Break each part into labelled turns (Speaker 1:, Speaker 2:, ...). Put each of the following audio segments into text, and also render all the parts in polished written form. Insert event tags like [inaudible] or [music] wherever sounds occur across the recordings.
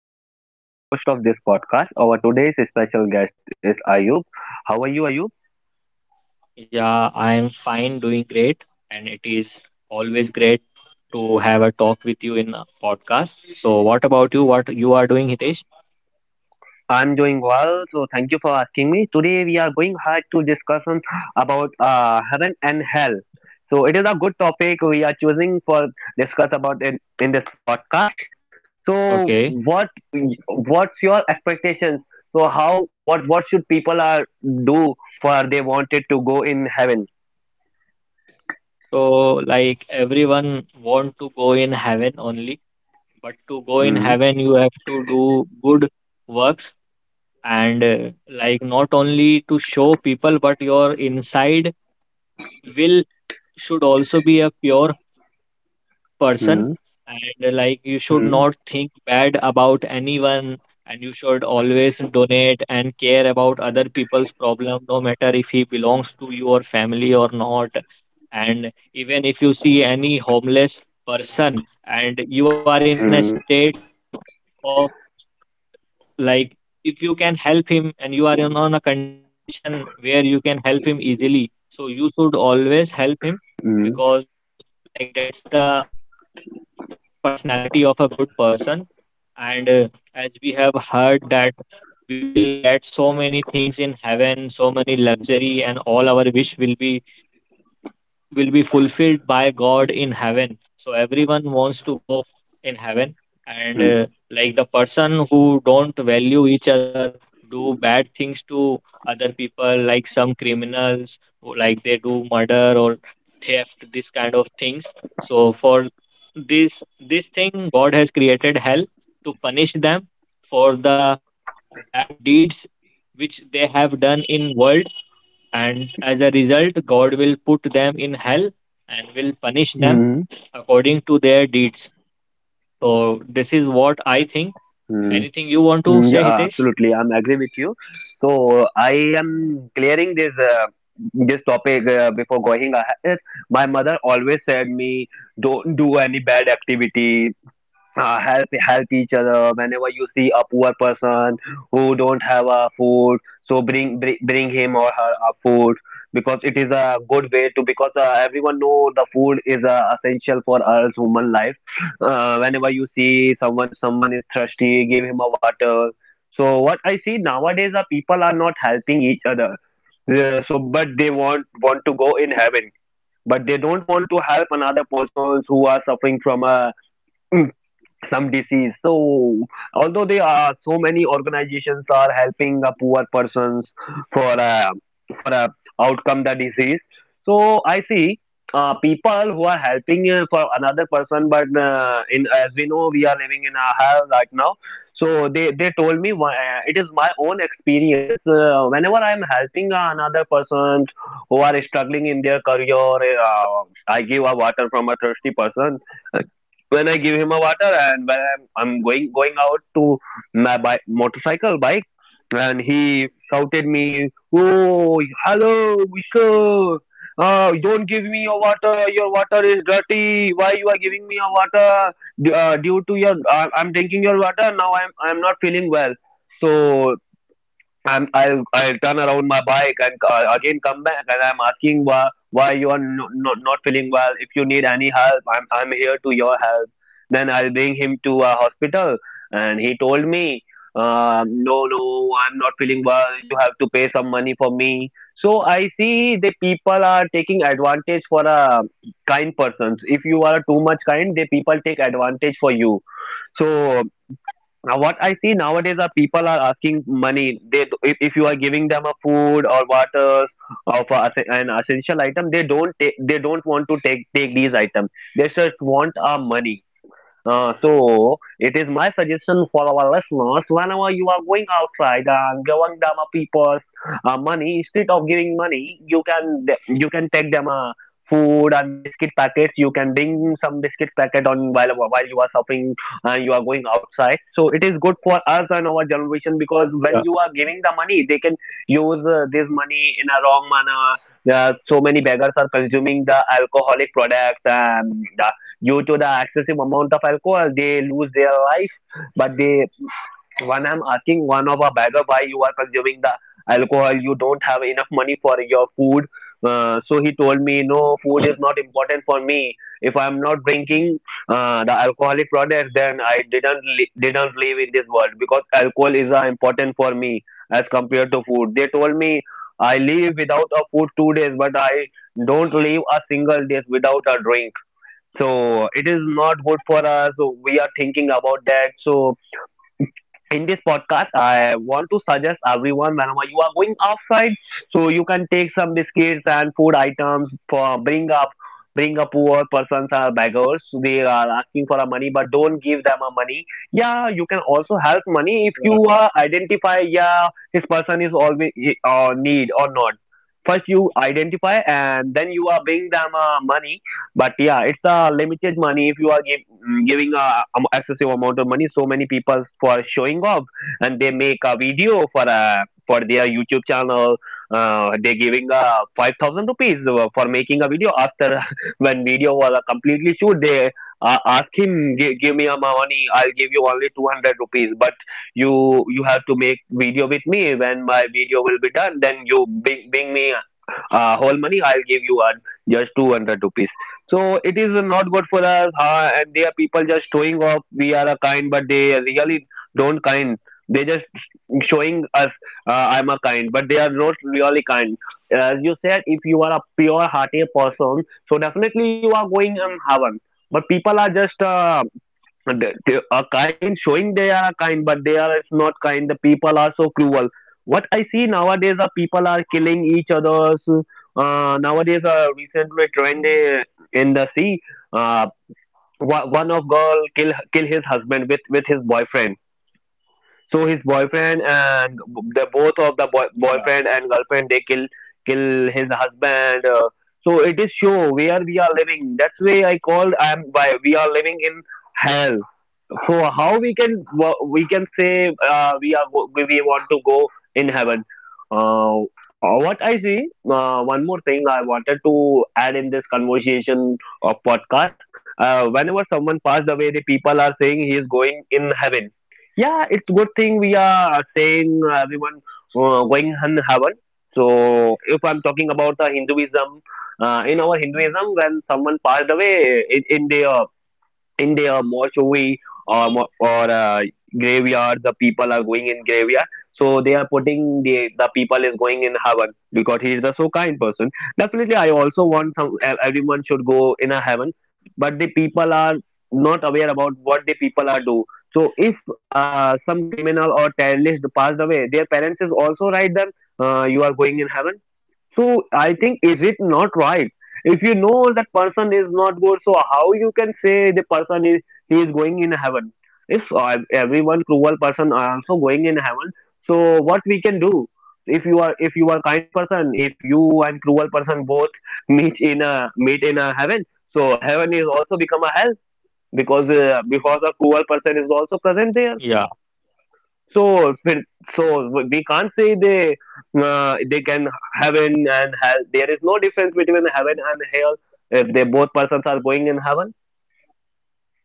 Speaker 1: am Hitesh. I am the host of this podcast. Our today's special guest is Ayub. How are you, Ayub?
Speaker 2: Yeah, I am fine, doing great, and it is always great to have a talk with you in a podcast. So, what about you? What you are doing, Hitesh?
Speaker 1: I'm doing well, so thank you for asking me. Today we are going hard to discuss on about heaven and hell. So it is a good topic we are choosing for discuss about in this podcast. So
Speaker 2: Okay.
Speaker 1: what's your expectations? So how what should people are do for they wanted to go in heaven?
Speaker 2: So, like everyone want to go in heaven only, but to go in heaven, you have to do good works and like not only to show people, but your inside will should also be a pure person,
Speaker 1: Mm-hmm.
Speaker 2: and like you should not think bad about anyone, and you should always donate and care about other people's problem no matter if he belongs to your family or not, and even if you see any homeless person and you are in a
Speaker 1: Mm,
Speaker 2: state of like if you can help him and you are in on a condition where you can help him easily, so you should always help him,
Speaker 1: mm,
Speaker 2: because like that's the personality of a good person. And As we have heard that we will get so many things in heaven, so many luxury, and all our wish will be fulfilled by God in heaven. So everyone wants to go in heaven, and
Speaker 1: mm,
Speaker 2: like the person who don't value each other, do bad things to other people, like some criminals, who- like they do murder or theft, this kind of things. So for this this thing, God has created hell to punish them for the bad deeds which they have done in world, and as a result, God will put them in hell and will punish them
Speaker 1: mm,
Speaker 2: according to their deeds. So this is what I think.
Speaker 1: mm,
Speaker 2: Anything you want
Speaker 1: mm,
Speaker 2: to say,
Speaker 1: yeah,
Speaker 2: Hitesh?
Speaker 1: absolutely. I'm agree with you. So I am clearing this this topic before going ahead. My mother always said me don't do any bad activity. Help each other whenever you see a poor person who don't have a food, so bring him or her a food because it is a good way to, because everyone know the food is essential for us human life. Whenever you see someone is thirsty, give him a water. So what I see nowadays, the people are not helping each other. Yeah, so but they want to go in heaven, but they don't want to help another persons who are suffering from a some disease. So although there are so many organizations are helping a poor persons for a for a outcome the disease. So I see people who are helping for another person, but in, as we know, we are living in a hell right now. So they told me it is my own experience. Whenever I am helping another person who are struggling in their career. I give a water from a thirsty person. When I give him a water and when I'm going out to my bike, motorcycle bike, and he shouted me, "Oh, hello, mister! Don't give me your water. Your water is dirty. Why you are giving me your water? Due to your, I'm drinking your water now. I'm not feeling well." So I will turn around my bike and again come back, and I'm asking why you are no, no, not feeling well. If you need any help, I'm here to your help. Then I'll bring him to a hospital, and he told me, "No, no, I'm not feeling well. You have to pay some money for me." So I see the people are taking advantage for a kind persons. If you are too much kind, the people take advantage for you. So now what I see nowadays, are people are asking money, they, if you are giving them a food or water or for an essential item, they don't want to take these items. They just want our money. So it is my suggestion for our listeners: whenever you are going outside and giving them a people's money, instead of giving money, you can take them a food and biscuit packets. You can bring some biscuit packet on while you are shopping and you are going outside. So it is good for us and our generation, because when you are giving the
Speaker 2: Yeah,
Speaker 1: money, they can use this money in a wrong manner. So many beggars are consuming the alcoholic products, and uh, due to the excessive amount of alcohol, they lose their life. But they, when I'm asking one of a beggar, why you are consuming the alcohol, you don't have enough money for your food. So he told me, no, food is not important for me. If I'm not drinking the alcoholic product, then I didn't didn't live in this world, because alcohol is important for me as compared to food, they told me. I live without a food 2 days, but I don't live a single day without a drink. So it is not good for us. So we are thinking about that. So in this podcast, I want to suggest everyone, whenever you are going outside, so you can take some biscuits and food items for bring a poor persons or beggars. They are asking for a money, but don't give them a money. Yeah, you can also help money if you identify.
Speaker 2: yeah,
Speaker 1: Yeah, this person is always need or not. First, you identify, and then you are bring them money, but yeah, it's a limited money. If you are giving a excessive amount of money, so many people for showing off, and they make a video for their YouTube channel. They giving 5,000 rupees for making a video. After [laughs] when video was completely shoot, they ask him, give me my money. I'll give you only 200 rupees. But you have to make video with me. When my video will be done, then you bring me whole money. I'll give you just 200 rupees. So it is not good for us, and they are people just showing off. We are a kind, but they really don't kind. They just showing us I'm a kind, but they are not really kind. As you said, if you are a pure hearted person, so definitely you are going in heaven. But people are just uh, but they are kind, showing they are kind, but they are not kind. The people are so cruel. What I see nowadays, are people are killing each others. Nowadays, recently trend, in the sea, uh, one of girl kill his husband with his boyfriend. So his boyfriend and the both of the boy,
Speaker 2: yeah,
Speaker 1: boyfriend and girlfriend, they kill his husband. So it is show where we are living. That's why I called I am by we are living in hell. So how we can say, we want to go in heaven. uh, what I see, one more thing I wanted to add in this conversation or podcast. Whenever someone passed away, the people are saying he is going in heaven. Yeah, it's good thing we are saying everyone going in heaven. So if I'm talking about the Hinduism, in our Hinduism, when someone passed away in their mortuary or graveyard, the people are going in graveyard, so they are putting, the people is going in heaven because he is the so kind person. Definitely I also want everyone should go in a heaven. But the people are not aware about what the people are do. So if some criminal or terrorist passed away, their parents is also write them you are going in heaven. So I think, is it not right? If you know that person is not good, so how you can say the person is he is going in heaven? If everyone cruel person are also going in heaven, so what we can do? If you are kind person, if you and cruel person both [laughs] meet in a heaven, so heaven is also become a hell, because a cruel person is also present there.
Speaker 2: yeah,
Speaker 1: So, fin- so we can't say they can heaven and hell. There is no difference between heaven and hell if they both persons are going in heaven.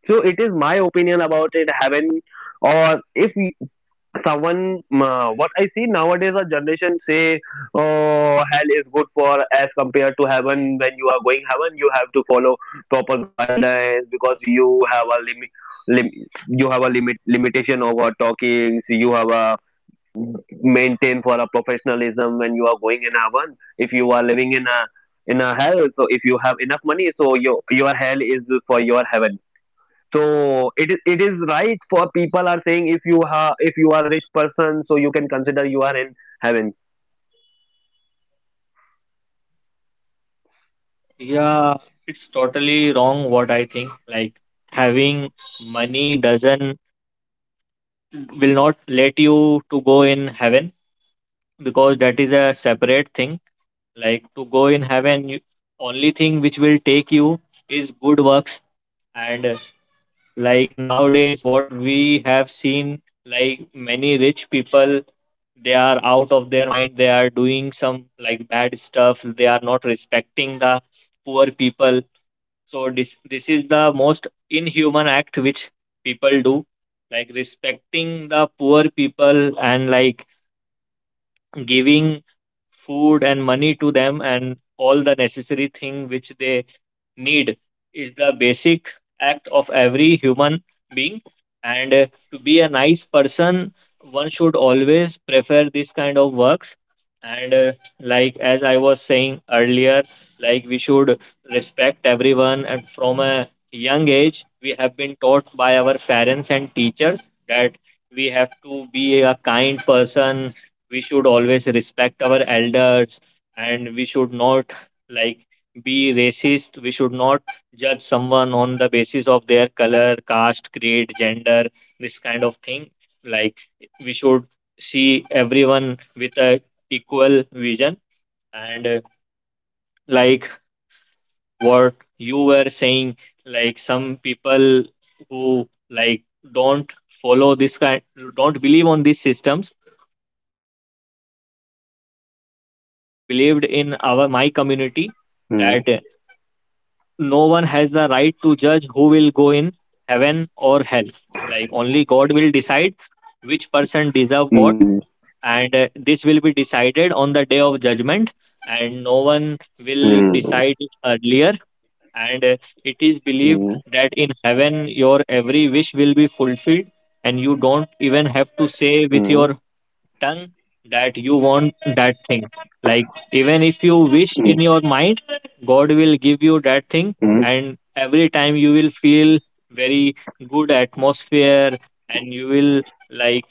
Speaker 1: So it is my opinion about it. Heaven. Or if we- someone uh, what I see nowadays, a generation say, oh, hell is good for as compared to heaven. When you are going heaven, you have to follow proper guidelines because you have a limit. You have a limitation over talking. You have a maintain for a professionalism when you are going in a one. If you are living in a hell, so if you have enough money, so your hell is for your heaven. So it is right for people are saying, if you ha if you are a rich person, so you can consider you are in heaven.
Speaker 2: yeah. It's totally wrong what I think. Like having money doesn't will not let you to go in heaven because that is a separate thing. Like to go in heaven, you, only thing which will take you is good works. And like nowadays, what we have seen, like many rich people, they are out of their mind. They are doing some like bad stuff. They are not respecting the poor people. So this is the most inhuman act which people do, like respecting the poor people and like giving food and money to them and all the necessary thing which they need is the basic act of every human being. And To be a nice person, one should always prefer this kind of works. And Like as I was saying earlier, like we should respect everyone, and from a young age we have been taught by our parents and teachers that we have to be a kind person, we should always respect our elders, and we should not like be racist. We should not judge someone on the basis of their color, caste, creed, gender, this kind of thing. Like we should see everyone with a equal vision. And Like what you were saying, like some people who like don't follow this kind, don't believe on these systems, because it is like believed in our my community that no one has the right to judge who will go in heaven or hell, like only God will decide which person
Speaker 3: Mm,
Speaker 2: deserve what. And This will be decided on the day of judgment, and no one
Speaker 3: mm,
Speaker 2: will decide it earlier. And It is
Speaker 3: mm,
Speaker 2: believed that in heaven your every wish will be fulfilled, and you don't even
Speaker 3: mm,
Speaker 2: have to say with your tongue that you want that thing. Like, even if
Speaker 3: mm,
Speaker 2: you wish in your mind, God will give
Speaker 3: mm,
Speaker 2: you
Speaker 3: mm,
Speaker 2: that thing. And every time you will feel very good atmosphere, and you will like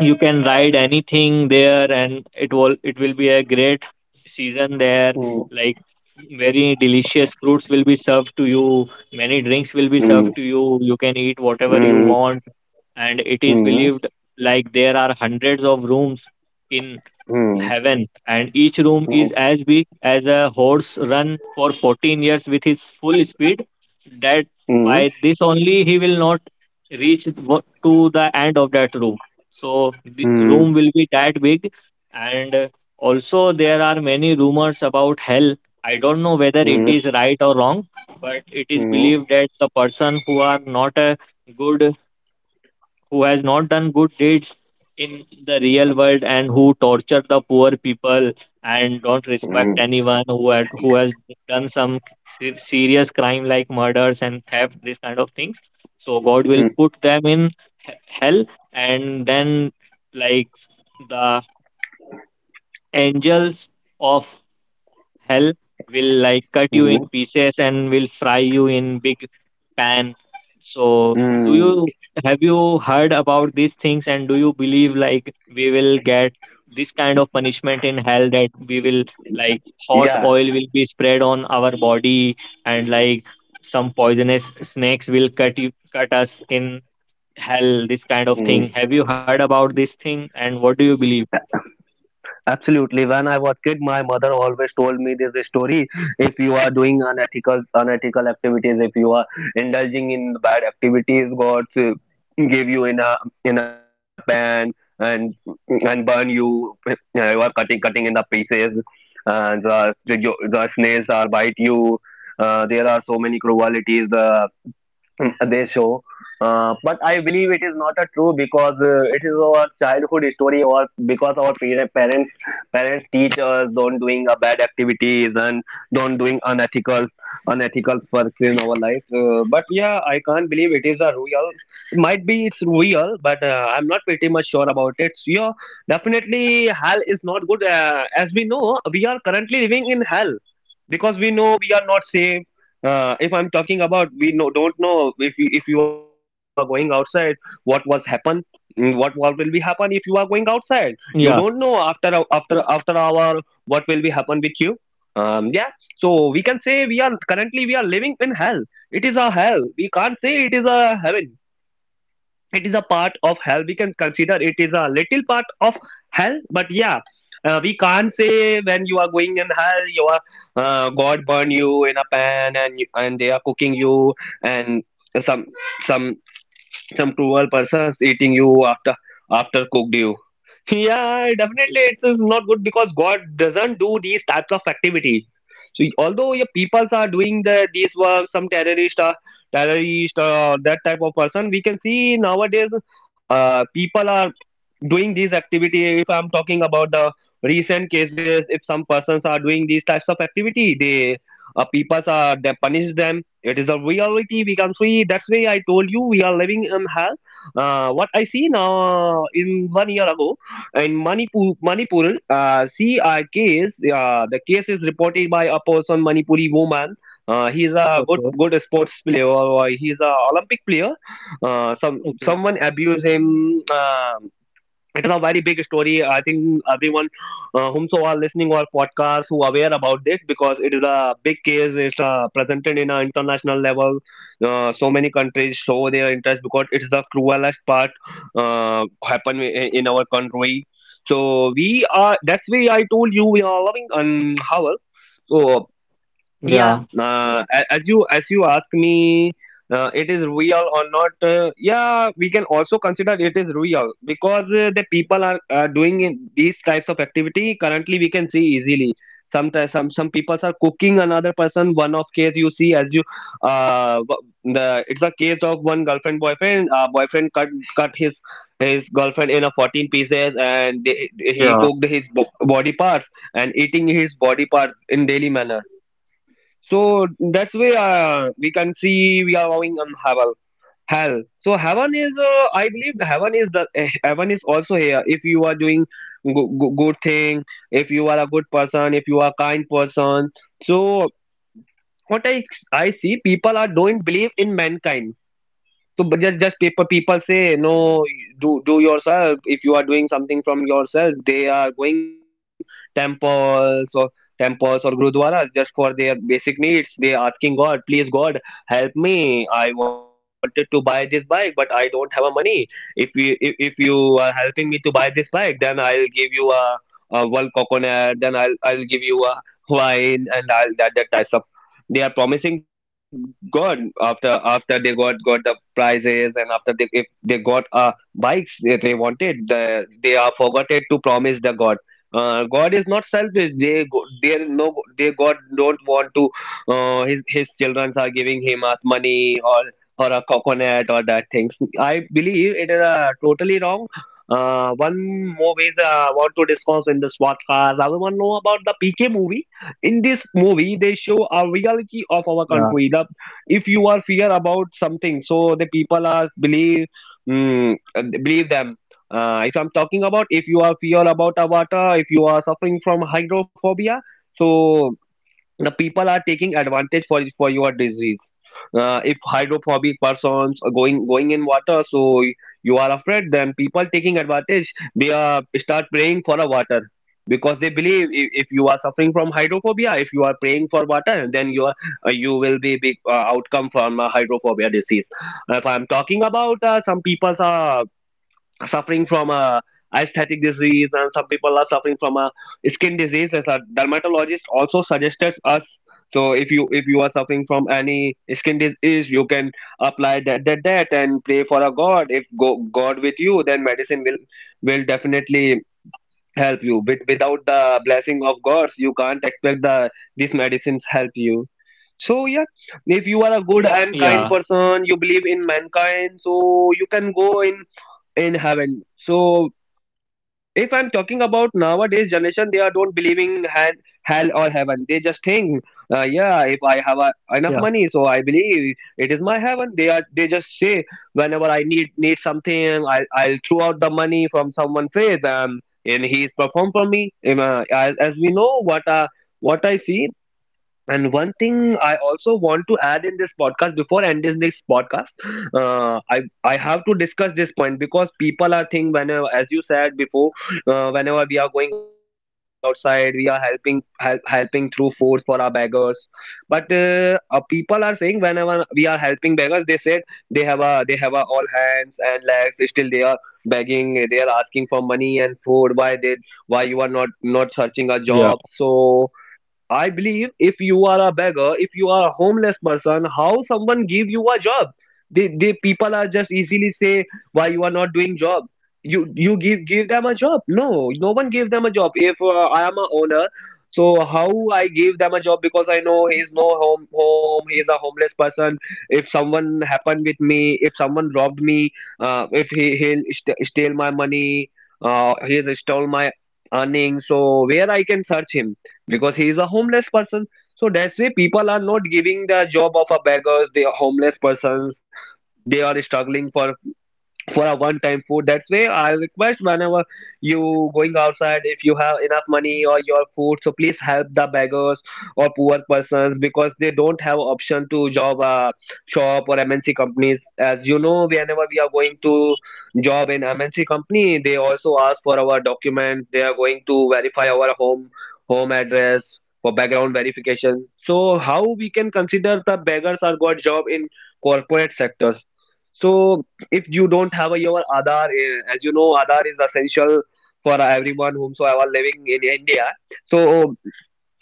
Speaker 2: you can ride anything there, and it will be a great season there, like very delicious fruits will be served to you, many drinks will be served
Speaker 3: mm,
Speaker 2: to you, you can eat whatever you
Speaker 3: mm,
Speaker 2: want. And it
Speaker 3: mm,
Speaker 2: is
Speaker 3: mm,
Speaker 2: believed like there are hundreds of rooms in
Speaker 3: mm,
Speaker 2: heaven, and each room is as big as a horse run for 14 years with his full speed, that
Speaker 3: mm, mm, mm,
Speaker 2: by this only he will not reach to the end of that room, so the room will be that big. And Also there are many rumors about hell. I don't know whether it is right or wrong, but it is believed that the person who are not a good, who has not done good deeds in the real world, and who torture the poor people and don't respect
Speaker 3: mm,
Speaker 2: anyone, who had who has done some serious crime like murders and theft, these kind of things, so God will
Speaker 3: mm,
Speaker 2: put them in he- hell. And then like the angels of hell will like cut you in
Speaker 3: mm,
Speaker 2: pieces and will fry you in big pan. So do
Speaker 3: mm.
Speaker 2: you have you heard about these things, and do you believe like we will get this kind of punishment in hell, that we will like
Speaker 3: Yeah.
Speaker 2: hot oil will be spread on our body, and like some poisonous snakes will cut us in hell, this kind of thing, have you heard about this thing and what do you believe?
Speaker 3: Absolutely. When I was kid, my mother always told me this story. If you are doing unethical activities, if you are indulging in bad activities, God give you in a pan and and burn you. Yeah, you are cutting in the pieces, and the snails are bite you. There are so many cruelties. The [laughs] they show. But I believe it is not a true because it is our childhood story or because our parents teach us don't doing a bad activities and don't doing unethical works in our life. But yeah, I can't believe it is a real. Might be it's real, but I'm not pretty much sure about it. So, yeah, definitely hell is not good. As we know, we are currently living in hell because we know we are not safe if I'm talking about we no, don't know if you are going outside what was happen what will be happen if you are going outside you don't know
Speaker 2: Yeah,
Speaker 3: after after hour what will be happen with you yeah, so we can say we are currently we are living in hell. It is a hell, we can't say it is a heaven. It is a part of hell, we can consider it is a little part of hell. But yeah, we can't say when you are going in hell you are god burn you in a pan and and they are cooking you and some some some cruel persons eating you after after cooked you. Yeah, definitely it is not good because God doesn't do these types of activities. So although your peoples are doing the these work, some terrorist or terrorist or that type of person, we can see nowadays people are doing these activity. If I'm talking about the recent cases, if some persons are doing these types of activity, they peoples are they punish them. It is a reality we can see, that's why I told you we are living in hell. What I see now in 1 year ago in manipur see a case, the case is reported by a person manipuri woman. He is a
Speaker 2: okay,
Speaker 3: good sports player or he is a olympic player. uh, some
Speaker 2: okay,
Speaker 3: someone abused him. Uh, it is a very big story. I think everyone whomso are listening our podcast who are aware about this because it is a big case. It's presented in an international level. So many countries show their interest because it's the cruelest part happen in our country. So we are. That's why I told you we are loving and how.
Speaker 2: yeah,
Speaker 3: Yeah, as you ask me, it is real or not? Yeah, we can also consider it is real because the people are doing in these types of activity currently. We can see easily. Sometimes some people are cooking another person. One of case you see as you w- the it's a case of one girlfriend boyfriend. Boyfriend cut his girlfriend in a 14 pieces and they, he
Speaker 2: yeah,
Speaker 3: cooked his body parts and eating his body parts in daily manner. So that's why we can see we are going on heaven. Hell. So heaven is, I believe, heaven is the heaven is also here. If you are doing good thing, if you are a good person, if you are a kind person. So what I see, people are don't believe in mankind, so, but just paper people say no, do yourself. If you are doing something from yourself, they are going temples or temples or gurudwaras just for their basic needs. They are asking God, please God, help me. I wanted to buy this bike, but I don't have a money. If you are helping me to buy this bike, then I'll give you a one coconut. Then I'll give you a wine and all that that types of. They are promising God after after they got the prices and after they if they got bikes they wanted the, they are forgotten to promise the god. God is not selfish, they go, they no they god don't want to his children are giving him as money or a coconut or that things. I believe it is totally wrong. One more ways, I want to discuss in this podcast. I want to know about the PK movie. In this movie, they show
Speaker 2: yeah.
Speaker 3: a reality of our country. The if you are fear about something, so the people are believe mm, uh, believe them. If I'm talking about if you are fear about a water, if you are suffering from hydrophobia, so the people are taking advantage for your disease. If hydrophobic persons are going in water, so you are afraid, then people taking advantage they are start praying for a water because they believe if you are suffering from hydrophobia, if you are praying for water, then you are, you will be big outcome from a hydrophobia disease. If I'm talking about some people are suffering from a aesthetic disease and some people are suffering from a skin disease, as a dermatologist also suggested us. So if you are suffering from any skin disease, you can apply that and pray for a god. If god with you, then medicine will definitely help you, but without the blessing of gods you can't expect the these medicines help you. So yeah,
Speaker 2: Yeah.
Speaker 3: if you are a good and kind person, you believe in mankind, so you can go in heaven. So if I'm talking about nowadays generation, they are don't believing hell or heaven, they just think
Speaker 2: Yeah,
Speaker 3: yeah, if I have a, enough money, so I believe it is my heaven. They are they just say whenever I need something, I'll throw out the money from someone face and he is performed for me. As we know, what I see, and one thing I also want to add in this podcast before ending this podcast, I have to discuss this point because people are think whenever, as you said before, whenever we are going outside, we are helping helping through force for our beggars. But people are saying whenever we are helping beggars, they said they have a all hands and legs. Still they are begging. They are asking for money and food.
Speaker 2: yeah.
Speaker 3: Why you are not searching a job? So I believe if you are a beggar, if you are a homeless person, how someone give you a job? They people are just easily say why you are not doing job. You give them a job. No, no one gave them a job. If I am a owner, so how I give them a job, because I know he is no home. He is a homeless person. If someone happened with me, if someone robbed me, if he he'll steal my money, he has stole my earnings. So where I can search him? Because he is a homeless person. So that's why people are not giving the job of a beggars, they are homeless persons, they are struggling for a one-time food. That's why I request whenever you going outside, if you have enough money or your food, so please help the beggars or poor persons because they don't have option to job shop or MNC companies. As you know, whenever we are going to job in MNC company, they also ask for our document. They are going to verify our home address for background verification. So how we can consider the beggars are got job in corporate sectors? So if you don't have a, your Aadhaar, as you know, Aadhaar is essential for everyone whomsoever living in India. So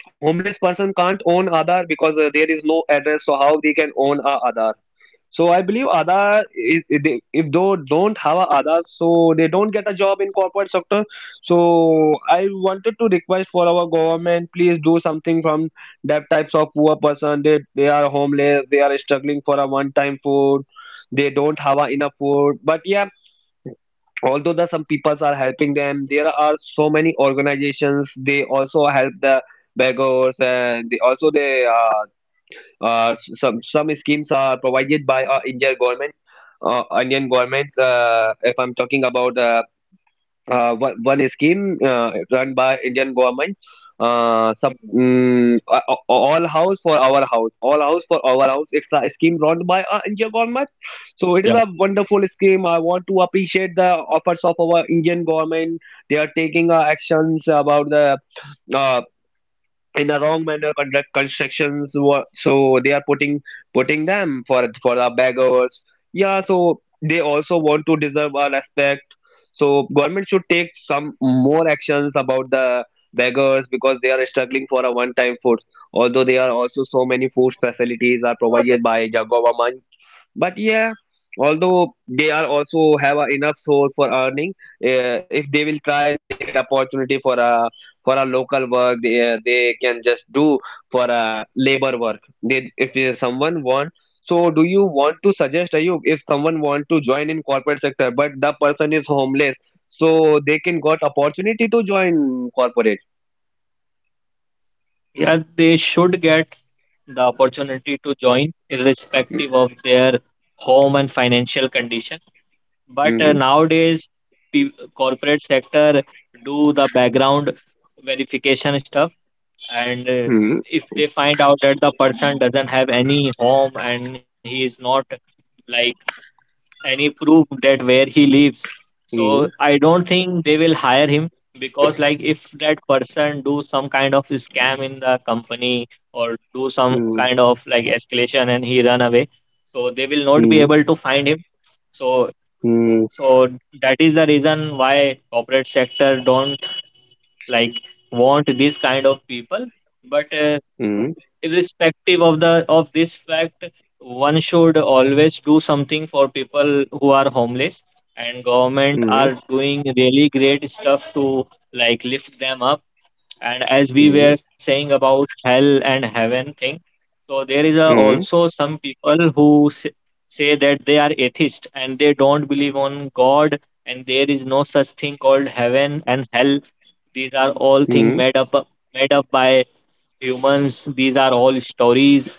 Speaker 3: homeless person can't own Aadhaar because there is no address. So how they can own a Aadhaar? So I believe Aadhaar, if they don't have a Aadhaar, so they don't get a job in corporate sector. So I wanted to request for our government, please do something from that types of poor person. They are homeless, they are struggling for a one-time food, they don't have a enough food. But yeah, although the some peoples are helping them, there are so many organizations. They also help the beggars and they also they s- some schemes are provided by Indian government, If I'm talking about one scheme run by Indian government,
Speaker 4: Mhm.
Speaker 3: all house for our house, all house for our house. It's a scheme run by
Speaker 4: Yeah,
Speaker 3: Indian government. So it is a wonderful scheme. I want to appreciate the efforts of our Indian government. They are taking actions about the uh in a wrong manner conduct constructions so they are putting them for the beggars, yeah. So they also want to deserve our respect. So government should take some more actions about the beggars because they are struggling for a one time food, although they are also so many food facilities are provided by the government, but yeah, although they are also have a enough source for earning. If they will try they get opportunity for a local work they can just do for a labor work they if someone want. So do you want to suggest, Ayub, if someone want to join in corporate sector but the person is homeless, so they can got opportunity to join corporate?
Speaker 4: yeah, they should get the opportunity to join, irrespective of their home and financial condition. But
Speaker 3: Mm-hmm.
Speaker 4: nowadays, corporate sector do the background verification stuff, and
Speaker 3: Mm-hmm.
Speaker 4: if they find out that the person doesn't have any home and he is not like any proof that where he lives. So
Speaker 3: Mm-hmm.
Speaker 4: I don't think they will hire him because like if that person do some kind of scam in the company or do some kind of like escalation and he run away, so they will not be
Speaker 3: Mm-hmm.
Speaker 4: able to find him. So
Speaker 3: Mm-hmm.
Speaker 4: so that is the reason why corporate sector don't like want this kind of people. But irrespective of the of this fact, one should always do something for people who are homeless, and government are
Speaker 3: Mm-hmm.
Speaker 4: doing really great stuff to like lift them up. And as we were saying about hell and heaven thing, so there is a,
Speaker 3: Mm-hmm.
Speaker 4: also some people who say that they are atheist and they don't believe on god, and there is no such thing called heaven and hell. These are all things
Speaker 3: Mm-hmm.
Speaker 4: made up, made up by humans. These are all stories.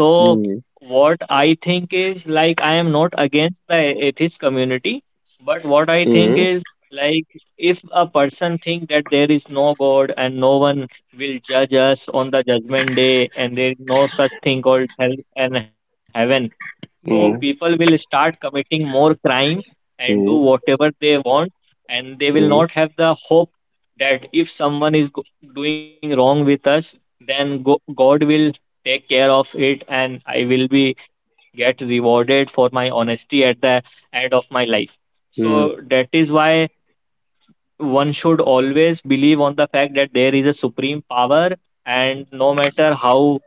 Speaker 4: So
Speaker 3: 嗯
Speaker 4: what I think is like I am not against the atheist community, but what I think
Speaker 3: 嗯
Speaker 4: is like if a person think that there is no god and no one will judge us on the judgment day and there is no such thing called hell and heaven, so people
Speaker 3: 嗯
Speaker 4: will start committing more crime and do
Speaker 3: 嗯
Speaker 4: whatever they want, and they will not
Speaker 3: 嗯
Speaker 4: have the hope that if someone is doing wrong with us, then God will take care of it, and I will be get rewarded for my honesty at the end of my life. So that is why one should always believe on the fact that there is a supreme power, and no matter how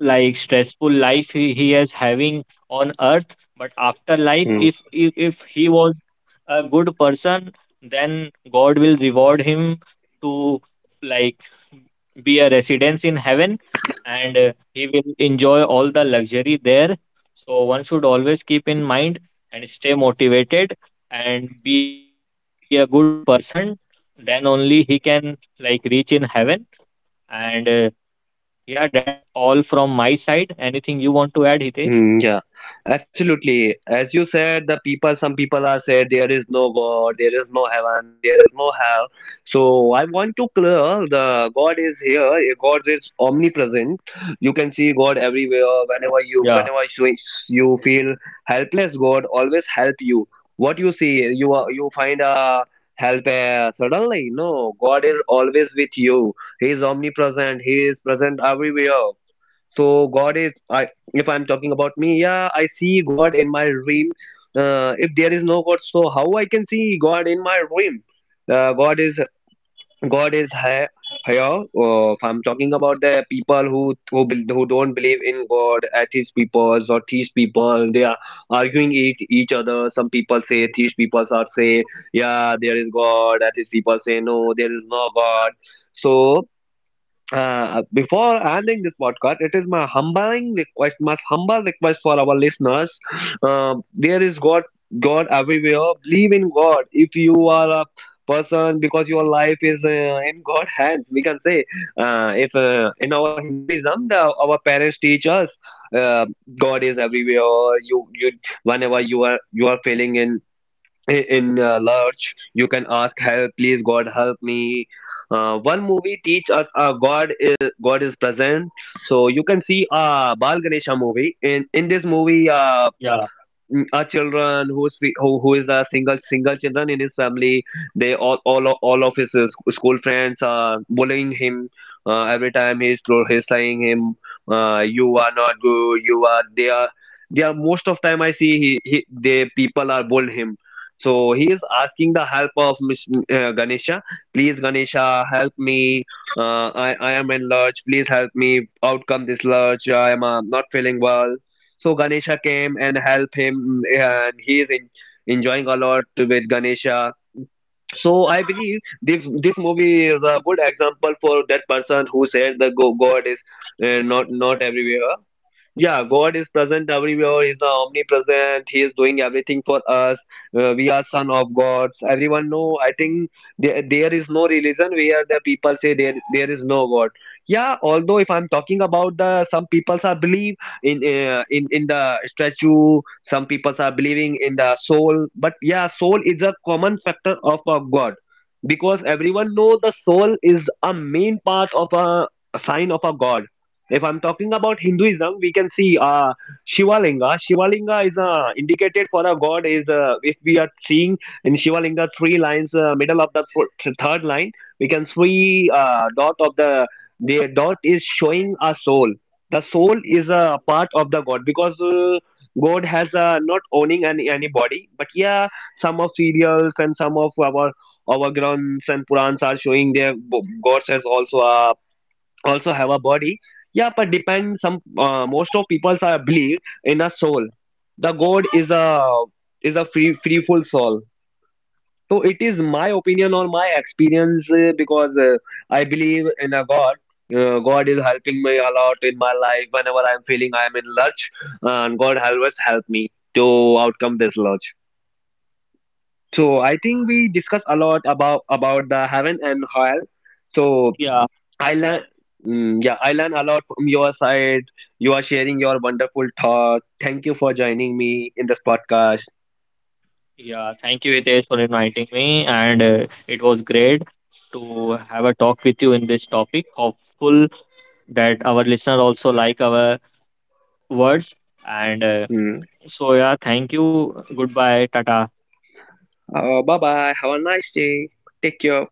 Speaker 4: like stressful life he is having on earth, but after life
Speaker 3: 嗯。
Speaker 4: if, if he was a good person, then god will reward him to like be a residence in heaven, and he will enjoy all the luxury there. So one should always keep in mind and stay motivated and be a good person, then only he can like reach in heaven. And yeah, that's all from my side. Anything you want to add, Hitesh?
Speaker 3: Yeah, absolutely. As you said, the people, some people are said there is no God, there is no heaven, there is no hell. So I want to clear the God is here. Eh, God is omnipresent. You can see God
Speaker 4: Yeah,
Speaker 3: everywhere. Whenever you feel helpless, God always help you. What you see, you find a help suddenly. No, God is always with you. He is omnipresent. He is present everywhere. So God is, I if I'm talking about me, yeah, I see God in my dream. If there is no God, so how I can see God in my dream? uh, god is God is high, higher. If I'm talking about the people who don't believe in God, atheist people or theist people, they are arguing each other. Some people say theist people are say yeah there is God, atheist people say no there is no God. So before ending this podcast, it is my humbling request, my humble request for our listeners. There is God, God everywhere. Believe in God. If you are a person, because your life is in God's hands, we can say. If In our Hinduism, the, our parents teach us. Uh, God is everywhere. You, whenever you are feeling in lurch, you can ask help, please God help me. One movie teach us God is present. So you can see Bal Ganesha movie. In this movie,
Speaker 4: yeah,
Speaker 3: a children who is a single children in his family, they all of his school friends are bullying him. Every time he's saying him you are not good, you are, they are, they are most of time I see he they people are bull him. So he is asking the help of Miss, Ganesha, please Ganesha help me, I am in lurch, please help me, outcome this lurch, I am not feeling well. So Ganesha came and helped him, and enjoying a lot with Ganesha. So I believe this this movie is a good example for that person who said God is not not everywhere. Yeah, God is present everywhere. He's omnipresent. He is doing everything for us. We are son of gods. Everyone know. I think there is no religion where the people say there is no God. Yeah, although if I'm talking about the some people are believe in in the statue. Some people are believing in the soul. But yeah, soul is a common factor of a God because everyone know the soul is a main part of a sign of a God. If I'm talking about Hinduism, we can see Shivalinga. Shivalinga is indicated for a god. Is If we are seeing in Shivalinga three lines, middle of the third line, we can see dot of the dot is showing a soul. The soul is a part of the god because God has not owning any anybody. But yeah, some of serials and some of our grunts and Purans are showing their gods as also a also have a body. Yeah, but depend some most of people are believe in a soul. The god is a free freeful soul. So it is my opinion or my experience because I believe in a god. God is helping me a lot in my life whenever I'm feeling I'm in lurch, and god always help me to outcome this lurch. So I think we discuss a lot about the heaven and hell. So
Speaker 4: yeah,
Speaker 3: I learn, yeah, I learn a lot from your side. You are sharing your wonderful thought. Thank you for joining me in this podcast.
Speaker 4: yeah. Thank you, Hitesh, for inviting me. And it was great to have a talk with you in this topic. Hopeful that our listener also like our words. And uh,
Speaker 3: Mm.
Speaker 4: so, yeah, thank you. Goodbye. Tata.
Speaker 3: Bye bye. Have a nice day. Take care.